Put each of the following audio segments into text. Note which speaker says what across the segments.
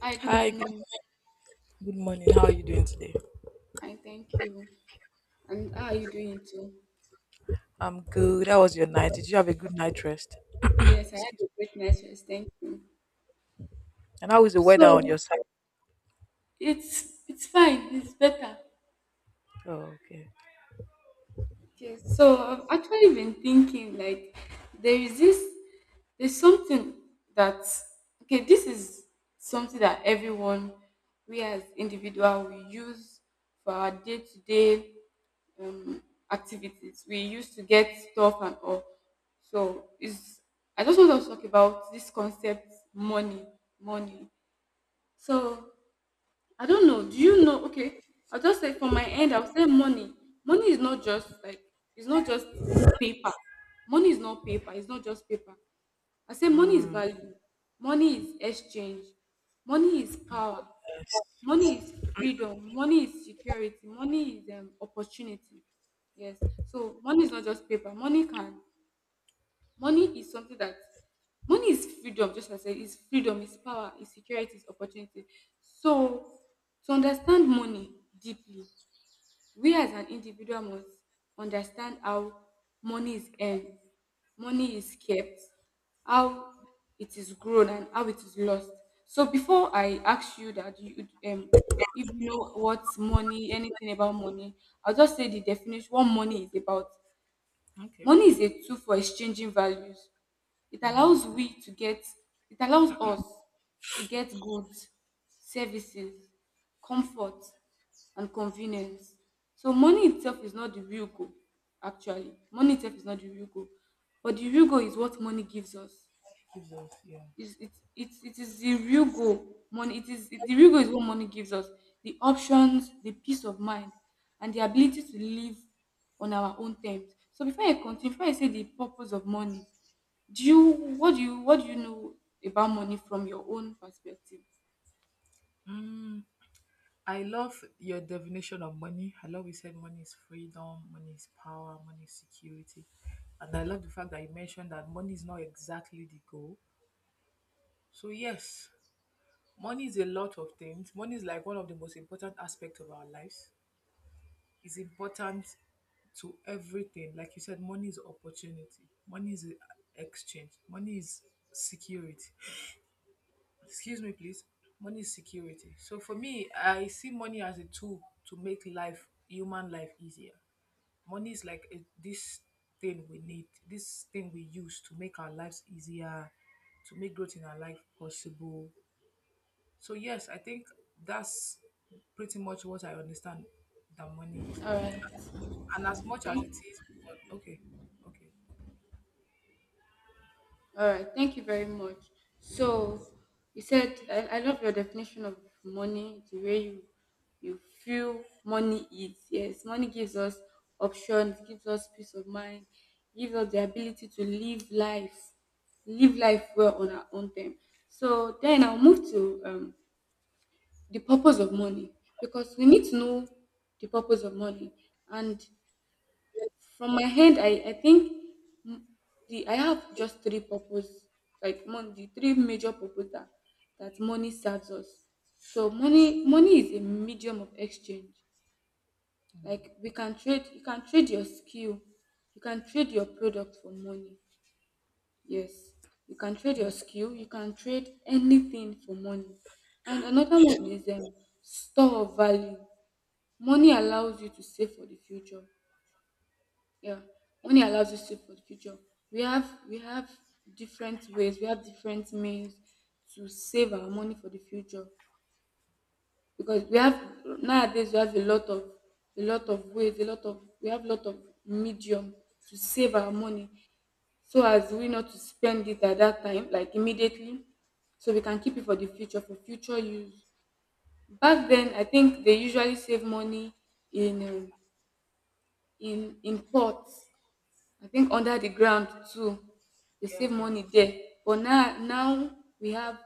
Speaker 1: Hi, good
Speaker 2: Hi, good,
Speaker 1: morning.
Speaker 2: good morning. How are you doing today?
Speaker 1: Fine, thank you. And how are you doing too?
Speaker 2: I'm good. How was your night? Did you have a good night rest?
Speaker 1: Yes, I
Speaker 2: Excuse
Speaker 1: had a
Speaker 2: me.
Speaker 1: great night rest. Thank you.
Speaker 2: And how is the weather on your
Speaker 1: So
Speaker 2: side?
Speaker 1: it's fine. It's better.
Speaker 2: Oh, okay.
Speaker 1: Okay, so I've actually been thinking like there is this there's something that okay, this is something that everyone we as individual we use for our day to day um activities. We used to get stuff and all. So it's I just want to talk about this concept money, money. So I don't know. Do you know? Okay, I'll just say from my end, I'll say money. Money is not just like it's not just paper. Money is not paper. It's not just paper. I say money is
Speaker 2: Mm.
Speaker 1: value. Money is exchange. Money is power. Money is freedom. Money is security. Money is opportunity. Yes. So money is not just paper. Money can Money is something that money is freedom, just as I said, it's freedom, it's power, it's security, it's opportunity. So to understand money deeply, we as an individual must understand how money is earned, money is kept, how it is grown and how it is lost. So before I ask you that you if you know what money, anything about money, I'll just say the definition what money is about.
Speaker 2: Okay.
Speaker 1: Money is a tool for exchanging values. It allows we to get it allows us to get goods, services, comfort and convenience. So money itself is not the real goal actually. Money itself is not the real goal. But the real goal is what money gives us
Speaker 2: Jesus, yeah.
Speaker 1: is it is the real goal money it is the real goal is what money gives us the options, the peace of mind and the ability to live on our own terms. So before I continue, before I say the purpose of money, do you what do you know about money from your own perspective?
Speaker 2: Mm, I love your definition of money. I love you said money is freedom, money is power, money is security. And I love the fact that you mentioned that money is not exactly the goal. So, yes, money is a lot of things. Money is like one of the most important aspects of our lives. Is important to everything. Like you said, money is opportunity. Money is exchange. Money is security. Excuse me, please. Money is security. So for me, I see money as a tool to make life, human life easier. Money is like a, this thing we need, this thing we use to make our lives easier, to make growth in our life possible. So yes, I think that's pretty much what I understand that money is.
Speaker 1: all right
Speaker 2: And as much as it
Speaker 1: thank
Speaker 2: is, okay, okay.
Speaker 1: All right, thank you very much. So you said I love your definition of money, the way you feel money is. Yes, money gives us options, gives us peace of mind, gives us the ability to live life well on our own term. So then I'll move to the purpose of money because we need to know the purpose of money, and from my hand, I think m- the I have just three purpose, like the three major purpose that, that money serves us. So money is a medium of exchange. Like we can trade, you can trade your skill, you can trade your product for money. Yes, you can trade your
Speaker 2: Yeah.
Speaker 1: skill, you can trade anything for money. And another one is store of value. Money allows you to save for the future. Yeah, money allows you to save for the future. We have different ways, we have different means to save our money for the future because we have nowadays we have a lot of ways, a lot of we have a lot of medium to save our money so as we not to spend it at that time, like immediately, so we can keep it for the future for future use. Back then, I think they usually save money in um, in pots I think under the ground too, they save money there.
Speaker 2: Yes.
Speaker 1: But now we have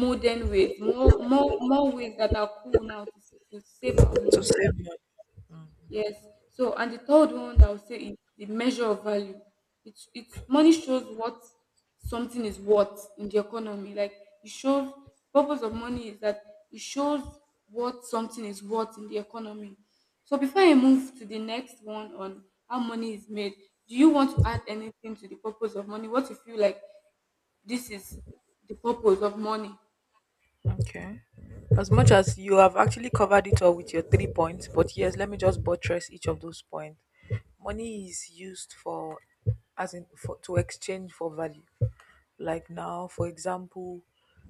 Speaker 1: modern ways, more ways that are cool now to save our money. Yes. So, and the third one that I would say is the measure of value. It's money shows what something is worth in the economy. Like it shows purpose of money is that it shows what something is worth in the economy. So before I move to the next one on how money is made, do you want to add anything to the purpose of money? What you feel like this is the purpose of money?
Speaker 2: Okay. As much as you have actually covered it all with your 3 points, but yes, let me just buttress each of those points. Money is used for, as in, for, to exchange for value. Like now, for example,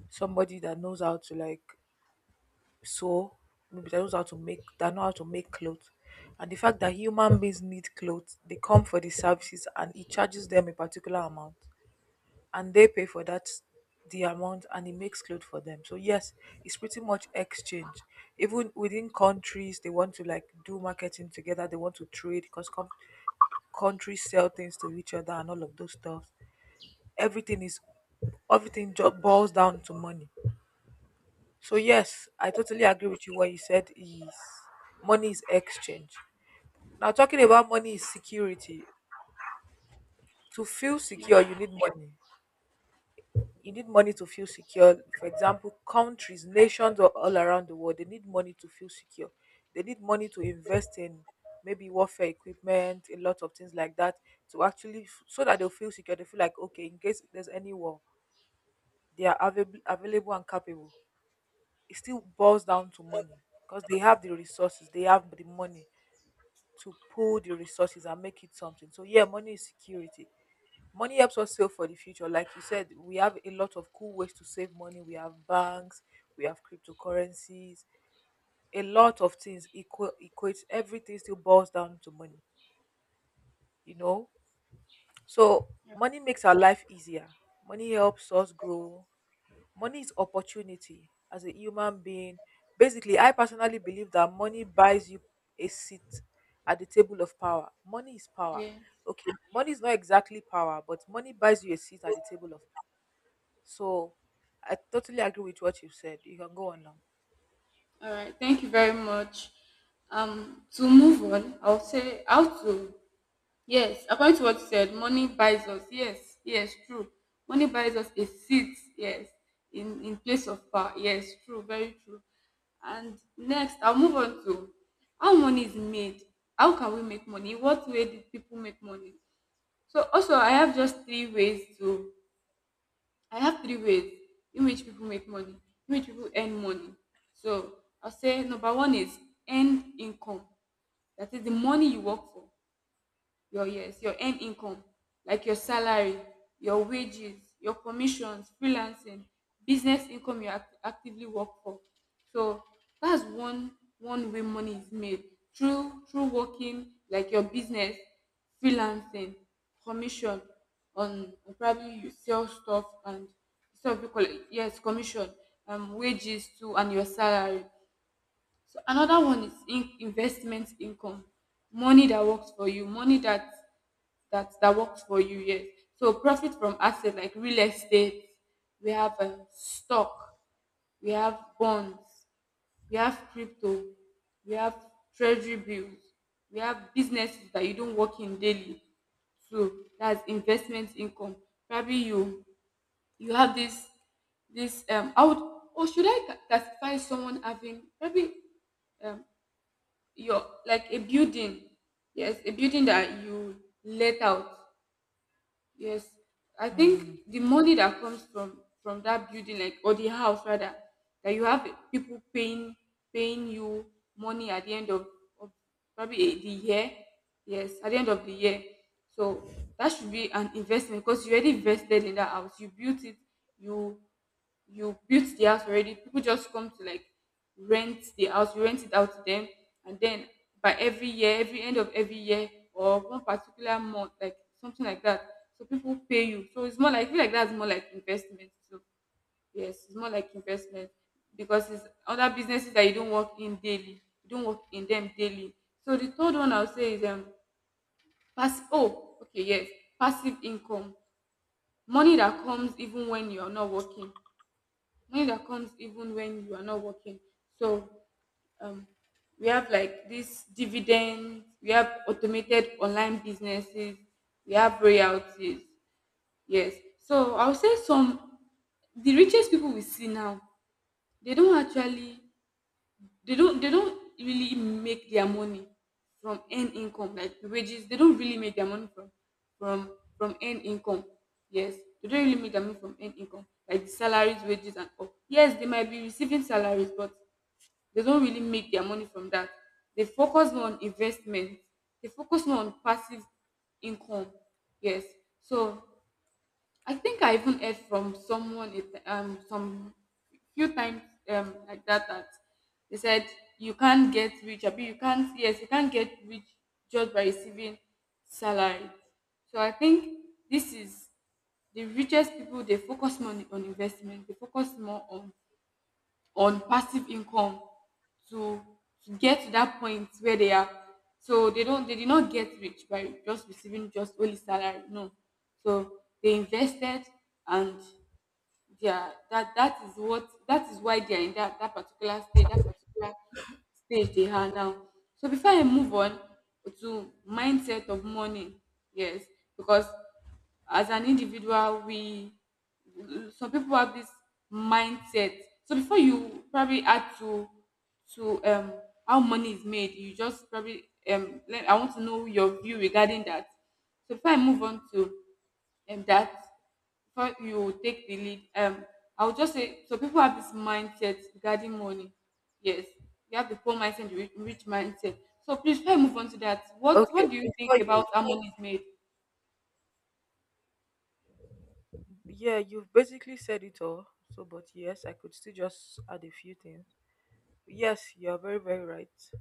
Speaker 2: somebody that knows how to, like, so maybe that knows how to make, they know how to make clothes. And the fact that human beings need clothes, they come for the services and he charges them a particular amount. And they pay for that the amount and he makes clothes for them. So yes, it's pretty much exchange. Even within countries they want to, like, do marketing together, they want to trade because countries sell things to each other and all of those stuff. Everything is, everything just boils down to money. So yes, I totally agree with you. What you said is money is exchange. Now talking about money is security. To feel
Speaker 1: Yeah.
Speaker 2: secure, you need money. You need money to feel secure. For example, countries, nations all around the world, they need money to feel secure. They need money to invest in maybe warfare equipment, a lot of things like that, to so that they'll feel secure. They feel like, okay, in case there's any war, they are available and capable. It still boils down to money because they have the resources, they have the money to pull the resources and make it something. So yeah, money is security. Money helps us save for the future. Like you said, we have a lot of cool ways to save money. We have banks, we have cryptocurrencies, a lot of things equal equates, everything still boils down to money, you know? So
Speaker 1: Yeah.
Speaker 2: money makes our life easier. Money helps us grow. Money is opportunity as a human being. Basically, I personally believe that money buys you a seat at the table of power. Money is power.
Speaker 1: Yeah.
Speaker 2: Okay, money is not exactly power, but money buys you a seat at the table of power. So I totally agree with what you said. You can go on now.
Speaker 1: All right, thank you very much. To move on, I'll say how to yes, according to what you said, money buys us. Yes, yes, true. Money buys us a seat. Yes, in place of power. Yes, true, very true. And next, I'll move on to how money is made. How can we make money? What way did people make money? So also, I have just three ways to I have three ways in which people make money, in which people earn money. So I'll say number one is earned income. That is the money you work for, your yes your end income, like your salary, your wages, your commissions, freelancing, business income you actively work for. So that's one one way money is made, through through working, like your business, freelancing, commission, on probably you sell stuff and stuff you collect, yes commission, wages too and your salary. So another one is in investment income, money that works for you, money that that works for you. Yes, so profit from asset like real estate, we have stock, we have bonds, we have crypto, we have treasury bills, we have businesses that you don't work in daily. So that's investment income. Probably you you have this this I would or should I classify someone having probably um your like a building, yes a building that you let out. Yes, I
Speaker 2: Mm.
Speaker 1: think the money that comes from that building, like or the house rather, that you have people paying paying you money at the end of probably the year. Yes, at the end of the year. So that should be an investment because you already invested in that house. You built it. You you built the house already, people just come to like rent the house, you rent it out to them, and then by every year, every end of every year or one particular month, like something like that, so people pay you. So it's more like I feel like that's more like investment. So yes, it's more like investment because it's other businesses that you don't work in daily, you don't work in them daily. So the third one I'll say is pass oh okay, yes, passive income, money that comes even when you're not working, money that comes even when you are not working. So um, we have like this dividend, we have automated online businesses, we have royalties. Yes. So I'll say some the richest people we see now, they don't actually they don't really make their money from earned income like the wages, they don't really make their money from from from earned income. Yes, they don't really make their money from earned income like the salaries, wages and all. Yes, they might be receiving salaries but they don't really make their money from that. They focus more on investment, they focus more on passive income. Yes. So I think I even heard from someone it some few times like that they said you can't get rich. I mean you can't, yes you can't get rich just by receiving salary. So I think this is the richest people, they focus more on investment. They focus more on passive income to to get to that point where they are. So they don't they did not get rich by just receiving just only salary, no. So they invested, and yeah that is what that is why they are in that particular stage, that particular stage they are now. So before I move on to mindset of money, yes, because as an individual we some people have this mindset. So before you probably add to how money is made, you just probably let, I want to know your view regarding that. So before I move on to and that before you take the lead, I would just say so people have this mindset regarding money. Yes, you have the poor mindset, and the rich, rich mindset. So please try move on to that. What
Speaker 2: Okay,
Speaker 1: What do you think
Speaker 2: before
Speaker 1: about
Speaker 2: you,
Speaker 1: how money is made?
Speaker 2: yeah, you've basically said it all. So, but yes, I could still just add a few things. Yes, you're very right. So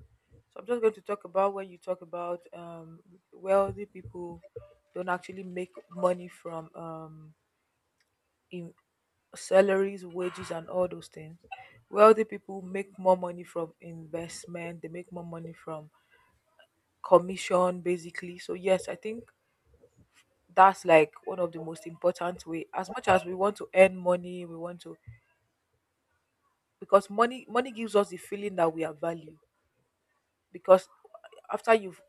Speaker 2: I'm just going to talk about when you talk about wealthy people don't actually make money from in salaries, wages, and all those things. Wealthy people make more money from investment. They make more money from commission, basically. So yes, I think that's like one of the most important way. As much as we want to earn money, we want to, because money gives us the feeling that we are valued. Because after you've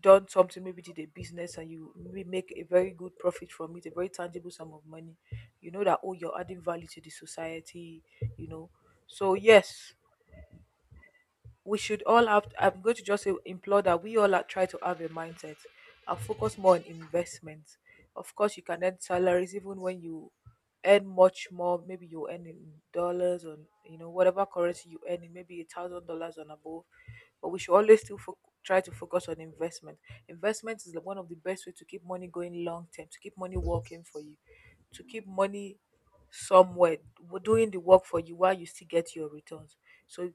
Speaker 2: done something, maybe did a business and you maybe make a very good profit from it, a very tangible sum of money, you know that, oh, you're adding value to the society, you know. So yes, we should all have, I'm going to just say, implore that we all are, try to have a mindset and focus more on investment. Of course you can earn salaries even when you earn much more, maybe you earn in dollars or, you know, whatever currency you earn in, maybe $1,000 and above, but we should always still try to focus on investment. Investment is the one of the best way to keep money going long term, to keep money working for you, to keep money somewhere doing the work for you while you still get your returns. So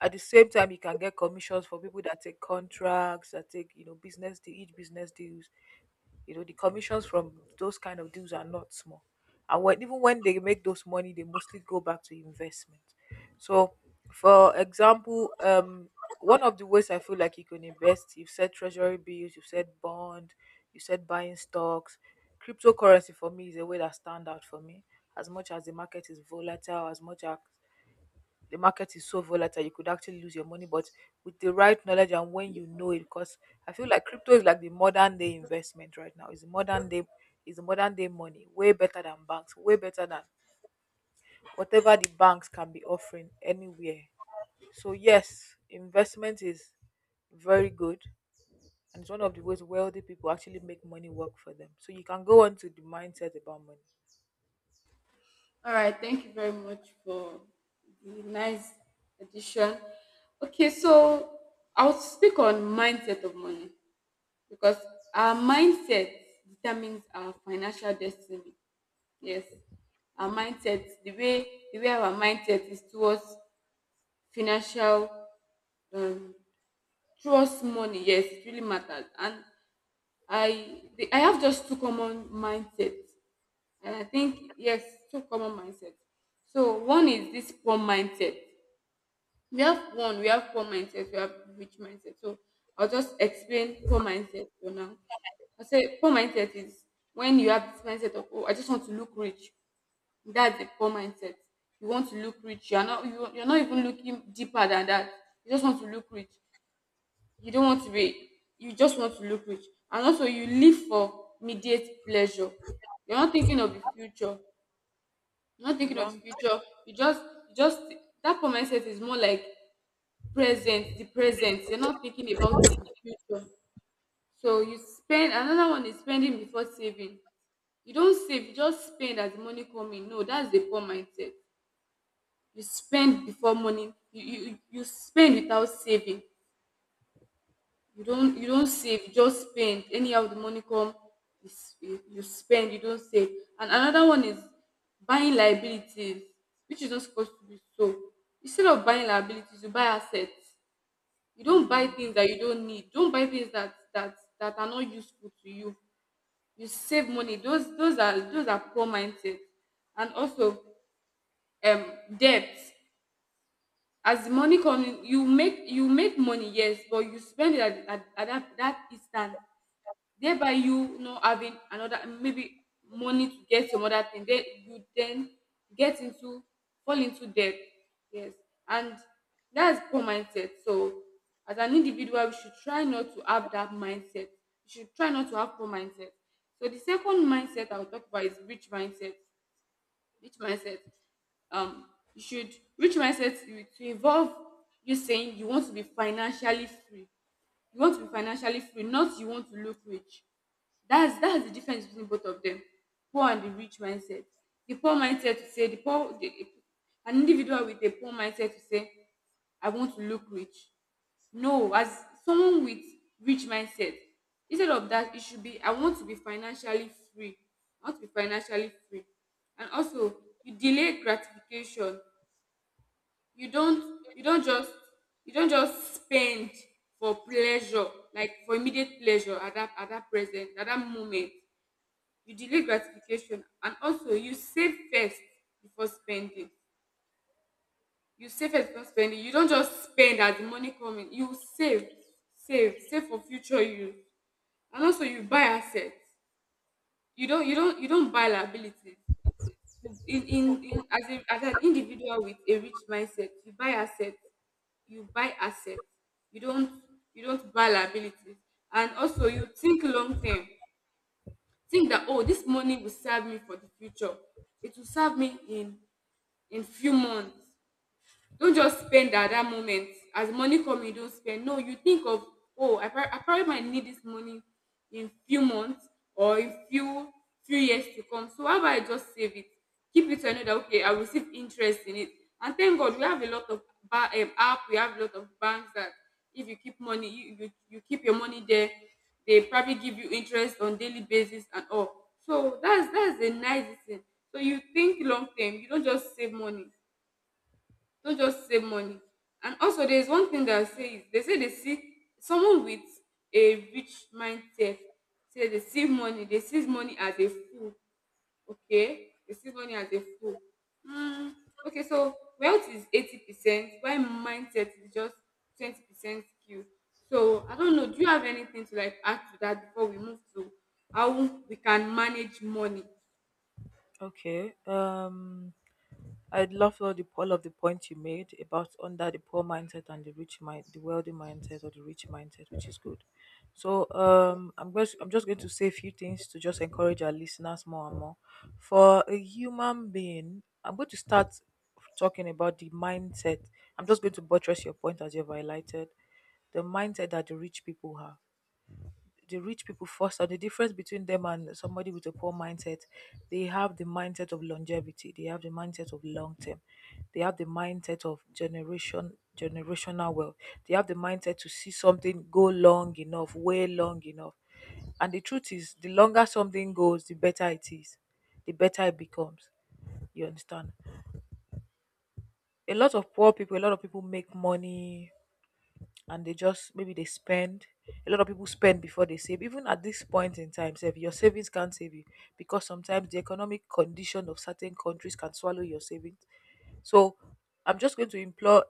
Speaker 2: at the same time, you can get commissions for people that take contracts, that take, you know, business, each business deals, you know, the commissions from those kind of deals are not small. And when, even when they make those money, they mostly go back to investment. So, for example, one of the ways I feel like you can invest, you've said treasury bills, you've said bond, you said buying stocks. Cryptocurrency for me is a way that stand out for me. As much as the market is volatile, as much as the market is so volatile you could actually lose your money, but with the right knowledge and when you know it, because I feel like crypto is like the modern day investment right now. It's the modern day, is modern day money, way better than banks, way better than whatever the banks can be offering anywhere. So yes, investment is very good, and it's one of the ways wealthy people actually make money work for them. So you can go on to the mindset about money.
Speaker 1: All right, thank you very much for the nice addition. Okay, so I'll speak on mindset of money because our mindset determines our financial destiny. Yes, our mindset, the way our mindset is towards financial um towards money, yes, it really matters. And I have just two common mindsets, and I think yes, two common mindsets. So one is this poor mindset. We have one, we have poor mindset, we have rich mindset. So I'll just explain poor mindset for now. I say poor mindset is when you have this mindset of oh, I just want to look rich. That's a poor mindset. You want to look rich. You're not you're not even looking deeper than that. You just want to look rich. You don't want to be. You just want to look rich. And also, you live for immediate pleasure. You're not thinking of the future. You're not
Speaker 2: The
Speaker 1: thinking of the
Speaker 2: long.
Speaker 1: future. You just That poor mindset is more like the present. You're not thinking about the future. So you spend another one is spending before saving. You don't save, you just spend as the money come in. No, that's the poor mindset. You spend before morning, you spend without saving. You don't save, you just spend anyhow the money come. You spend, you don't save. And another one is buying liabilities, which is not supposed to be. So instead of buying liabilities, you buy assets. You don't buy
Speaker 2: Mm-hmm.
Speaker 1: things that you don't need, don't buy things that are not useful to you. You save money. Those are poor mindset. And also, um debt. As the money coming, you make money, yes, but you spend it at that instant, thereby you not having another maybe money to get some other thing, then you then get into fall into debt, yes. And that's poor mindset. So as an individual, we should try not to have that mindset. We should try not to have poor mindset. So the second mindset I'll talk about is rich mindset. Rich mindset. Um, you should rich mindset to involve you saying you want to be financially free. You want to be financially free, not you want to look rich. That's the difference between both of them. Poor and the rich mindset. The poor mindset to say, the poor, the, an individual with a poor mindset to say, I want to look rich. No, as someone with rich mindset, instead of that, it should be, I want to be financially free. I want to be financially free. And also, you delay gratification. You don't you don't just you don't just spend for pleasure, like for immediate pleasure at that present, at that moment. You delay gratification, and also you save first before spending. You save first before spending. You don't just spend as the money coming. You save for future use. And also, you buy assets. You don't buy liabilities. You in in, in as, a, as an individual with a rich mindset, you buy assets. You buy assets. You don't you don't buy liabilities. And also, you think long term. Think that, oh, this money will serve me for the future. It will serve me in few months. Don't just spend at that moment. As money come, you don't spend. No, you think of, oh, I probably might need this money in few months, or in few years to come. So how about I just save it, keep it, so I know that, okay, I will receive interest in it. And thank God, we have a lot of banks that if you keep money, you keep your money there, they probably give you interest on daily basis and all. So that's a nice thing. So you think long term, you don't just save money. Don't just save money. And also, there's one thing that I say is, they see someone with a rich mindset. Say they see money. They see money as a fool. Okay, they see money as a fool. Hmm. Okay, so wealth is 80%, while mindset is just 20% skill. So I don't know. Do you have anything to, like, add to that before we move to how we can manage money?
Speaker 2: Okay, I love all the all of the points you made about under the poor mindset and the rich mind, the wealthy mindset or the rich mindset, which is good. So I'm going, I'm just going to say a few things to just encourage our listeners more and more. For a human being, I'm going to start talking about the mindset. I'm just going to buttress your point as you've highlighted the mindset that the rich people have, the rich people first, and the difference between them and somebody with a poor mindset. They have the mindset of longevity, they have the mindset of long term, they have the mindset of generational wealth, they have the mindset to see something go long enough, way long enough, and the truth is the longer something goes, the better it is, the better it becomes, you understand? A lot of poor people, a lot of people make money and they just, maybe they spend, a lot of people spend before they save. Even at this point in time, save, your savings can't save you because sometimes the economic condition of certain countries can swallow your savings. So I'm just going to implore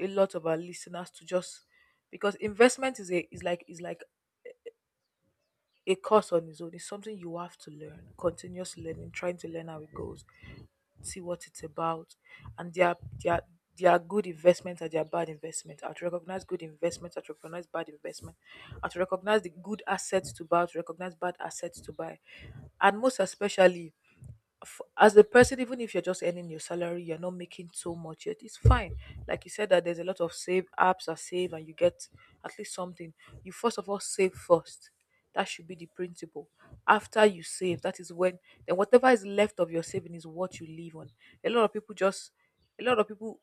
Speaker 2: a lot of our listeners to just, because investment is a, is like, is like a course on its own. It's something you have to learn, continuous learning, trying to learn how it goes, see what it's about, and there are, there are good investments and there are bad investments. I to recognize good investments, I to recognize bad investment, I to recognize the good assets to buy, I to recognize bad assets to buy. And most especially, as a person, even if you're just earning your salary, you're not making so much yet, it's fine. Like you said, that there's a lot of save apps, are save, and you get at least something. You first of all save first. That should be the principle. After you save, that is when, then whatever is left of your saving is what you live on. A lot of people just, a lot of people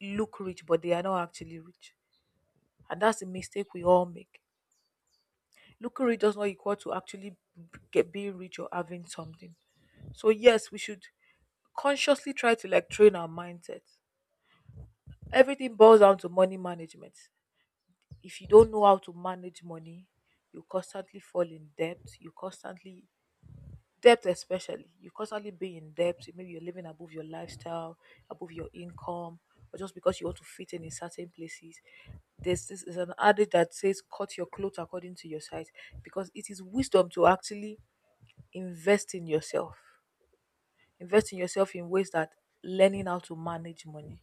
Speaker 2: look rich, but they are not actually rich, and that's the mistake we all make. Looking rich does not equal to actually get being rich or having something. So yes, we should consciously try to like train our mindset. Everything boils down to money management. If you don't know how to manage money, you constantly fall in debt. You constantly debt especially. You constantly be in debt. Maybe you're living above your lifestyle, above your income, or just because you want to fit in certain places. There's, this is an adage that says cut your clothes according to your size, because it is wisdom to actually invest in yourself. Invest in yourself in ways that learning how to manage money,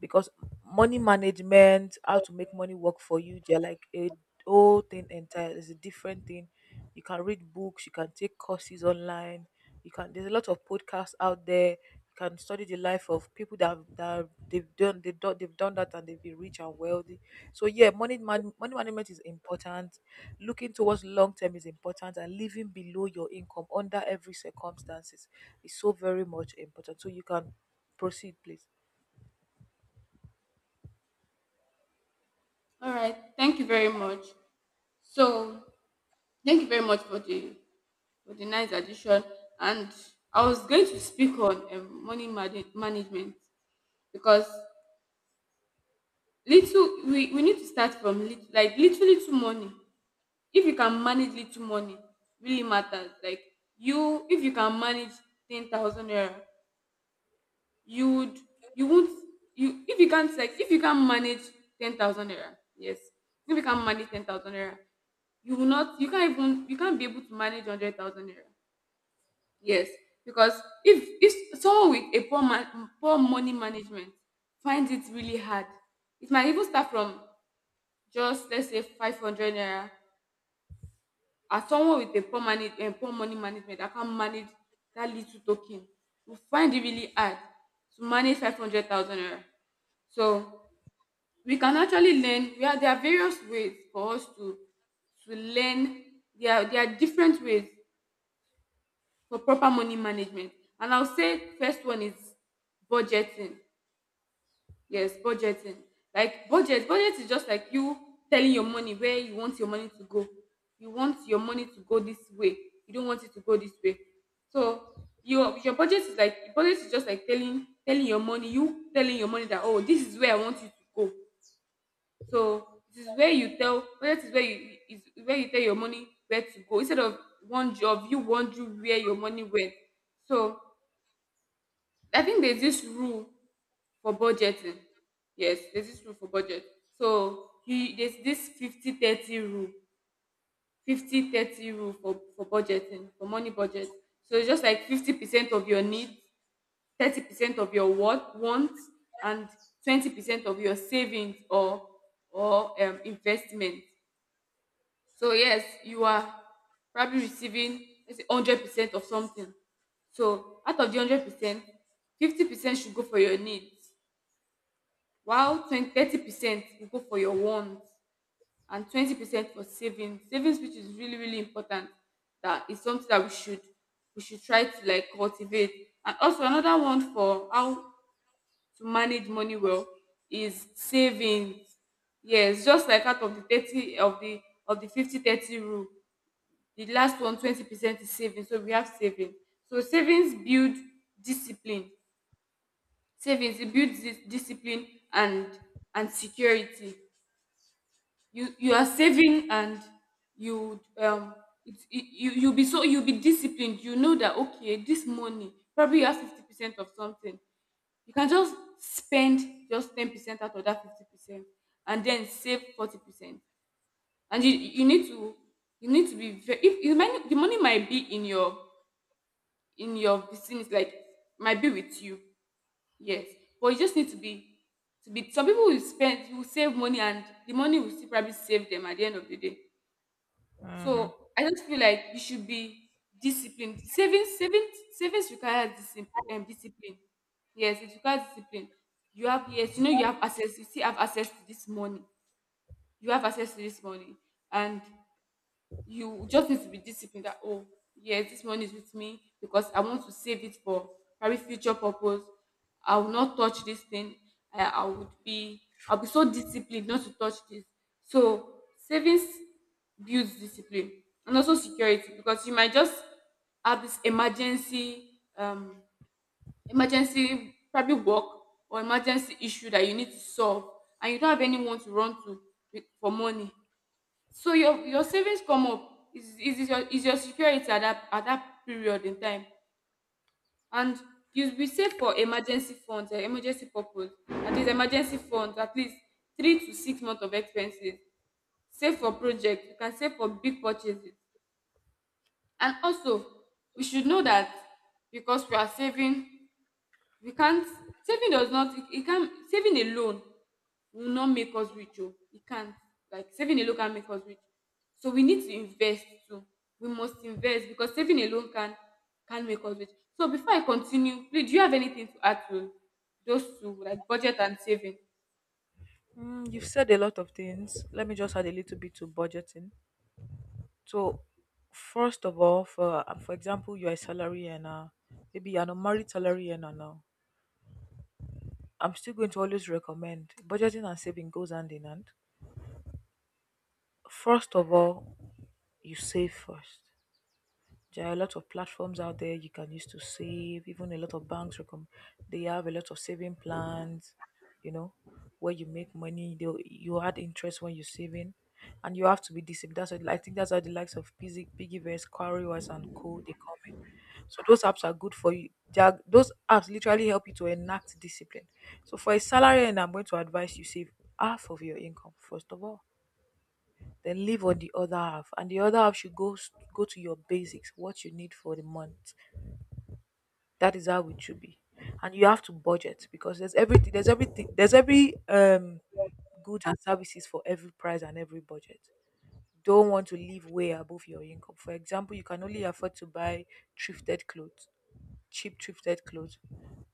Speaker 2: because money management, how to make money work for you, they're like a whole thing entire. It's a different thing. You can read books, you can take courses online, you can. There's a lot of podcasts out there. You can study the life of people that have, that they've done, they've done that and they've been rich and wealthy. So yeah, money management is important. Looking towards long term is important, and living below your income under every circumstances is so very much important. So you can proceed, please.
Speaker 1: All right. Thank you very much. So thank you very much for the nice addition. And I was going to speak on money management, because we need to start from little, like little money. If you can manage little money, really matters. Like you, if you can manage 10,000 naira, you would, you won't, you, if you can't, like, if you can manage 10,000 naira, yes, if you can manage 10,000 naira, you will not, you can't even, you can't be able to manage 100,000 naira. Yes, because if someone with a poor money management finds it really hard, it might even start from, just let's say, 500 naira. As someone with a poor money and poor money management that can manage that little token, will find it really hard to manage 500,000 naira. So we can actually learn. There are various ways for us to learn. There are different ways for proper money management. And I'll say first one is budgeting. Yes, budgeting. Like budget is just like you telling your money where you want your money to go. You want your money to go this way. You don't want it to go this way. So your budget is just like telling your money, you telling your money that, oh, this is where I want you to go. So this is where you tell budget is where you tell your money where to go, instead of one of you wondering where your money went. So I think there's this rule for budgeting. Yes, there's this rule for budget. So he there's this 50/30 rule. 50/30 rule for budgeting, for money budget. So it's just like 50% of your needs, 30% of your what wants, and 20% of your savings or investment. So yes, you are probably receiving, let's say, 100% of something. So out of the 100%, 50% should go for your needs, while 20 30% you go for your wants, and 20% for savings, which is really really important. That is something that we should try to, like, cultivate. And also, another one for how to manage money well is savings. Yes, just like out of the 30 of the 50/30 rule, the last one, twenty percent, is savings. So we have savings. So savings build discipline. Savings, it builds discipline and and security. You are saving, and you it, it, you you'll be so you'll be disciplined. You know that, okay, this money, probably you have 50% of something. You can just spend just 10% out of that 50%, and then save 40%. And you need to be very, if the money might be in your vicinity, like, might be with you, yes. But you just need to be. Some people will spend will save money, and the money will still probably save them at the end of the day. So I just feel like you should be disciplined. Savings, savings, savings requires discipline. Discipline. Yes, it requires discipline. You have, yes, you know, you have access. You still have access to this money. You have access to this money, and you just need to be disciplined that, oh, yes, this money is with me because I want to save it for very future purpose. I will not touch this thing. i, I would be I'll be so disciplined not to touch this. So savings builds discipline, and also security, because you might just have this emergency, um emergency, probably work, or emergency issue that you need to solve, and you don't have anyone to run to for money. So your savings come up is your security at that period in time. And you be save for emergency funds, emergency purpose, at least emergency funds, at least 3 to 6 months of expenses. Save for project, you can save for big purchases. And also, we should know that, because we are saving, we can't, saving does not, it, it can saving alone will not make us rich. Oh, it can't. Like, saving alone can't make us rich. So we need to invest too. We must invest, because saving alone can make us rich. So before I continue, please, do you have anything to add to those two, like budget and saving?
Speaker 2: Mm, you've said a lot of things. Let me just add a little bit to budgeting. So, first of all, for example, you're a salary earner, maybe you're an unmarried salary earner now. I'm still going to always recommend budgeting and saving goes hand in hand. First of all, you save first. There are a lot of platforms out there you can use to save. Even a lot of banks recommend they have a lot of saving plans, you know, where you make money, they you add interest when you're saving. And you have to be disciplined. I think that's how the likes of Pizzy, Piggyverse, Quarrywise, and Co. they come in. So those apps are good for you. They are, those apps literally help you to enact discipline. So for a salary, and I'm going to advise you save half of your income first of all, then leave on the other half, and the other half should go to your basics, what you need for the month. That is how it should be. And you have to budget because there's everything, there's every goods and services for every price and every budget. Don't want to live way above your income. For example, you can only afford to buy thrifted clothes, cheap thrifted clothes.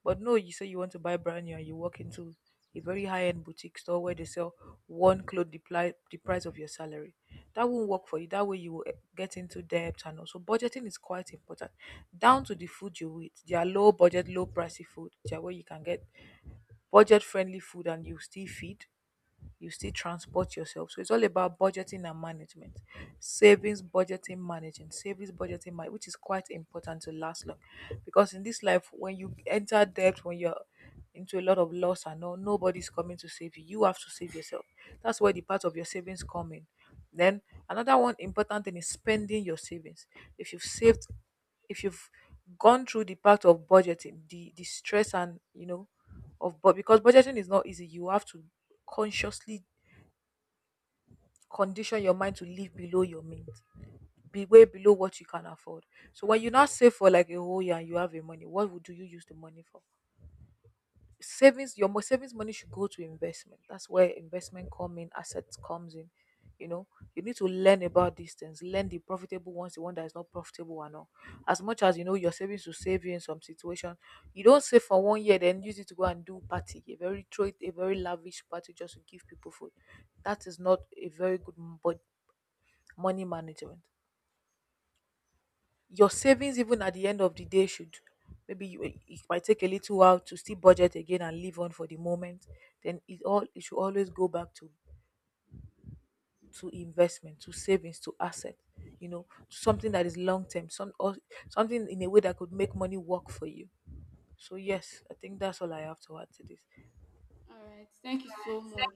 Speaker 2: But no, you say you want to buy brand new and you walk into a very high end boutique store where they sell one cloth the price of your salary. That won't work for you. That way, you will get into debt, and also budgeting is quite important. Down to the food you eat, they are low budget, low pricey food. They are where you can get budget friendly food and you still feed, you still transport yourself. So it's all about budgeting and management. Savings, budgeting, managing. Savings, budgeting, which is quite important to last long. Because in this life, when you enter debt, when you're into a lot of loss and all, nobody's coming to save you. You have to save yourself. That's where the part of your savings come in. Then another one important thing is spending your savings. If you've saved if you've gone through the part of budgeting, the stress and you know of, but because budgeting is not easy, you have to consciously condition your mind to live below your means, be way below what you can afford. So when you now save for like a whole year and you have your money, what would do you use the money for? Savings, savings money should go to investment. That's where investment come in, assets comes in, you know. You need to learn about these things, learn the profitable ones, the one that is not profitable and all. As much as you know your savings will save you in some situation, you don't save for one year then use it to go and do party a very throw it a very lavish party just to give people food. That is not a very but money management. Your savings even at the end of the day should, maybe you, it might take a little while to still budget again and live on for the moment. Then it should always go back to investment, to savings, to asset, you know, to something that is long term, some or something in a way that could make money work for you. So yes, I think that's all I have to add to this.
Speaker 1: All right, thank you so much.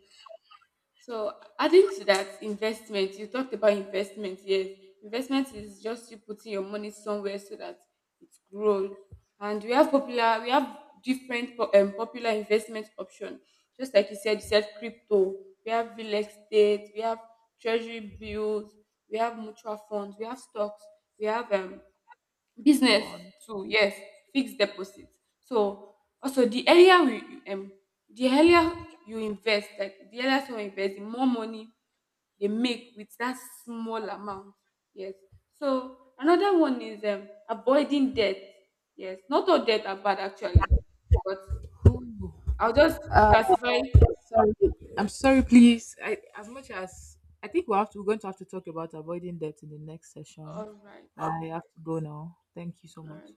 Speaker 1: So adding to that investment, you talked about investment. Yes, investment is just you putting your money somewhere so that it grows. And we have different popular investment option. Just like you said crypto. We have real estate. We have treasury bills. We have mutual funds. We have stocks. We have business
Speaker 2: Bond.
Speaker 1: too, yes. Fixed deposit. So also, um the earlier you invest, like, the earlier someone invest, the more money they make with that small amount, yes. So another one is avoiding debt. Yes, not all debt are bad actually, but I'll just classify.
Speaker 2: Sorry, I'm sorry, please. I, as much as I think we have to, we're going to have to talk about avoiding debt in the next session.
Speaker 1: All right.
Speaker 2: I have to go now. Thank you so
Speaker 1: All
Speaker 2: much.
Speaker 1: right.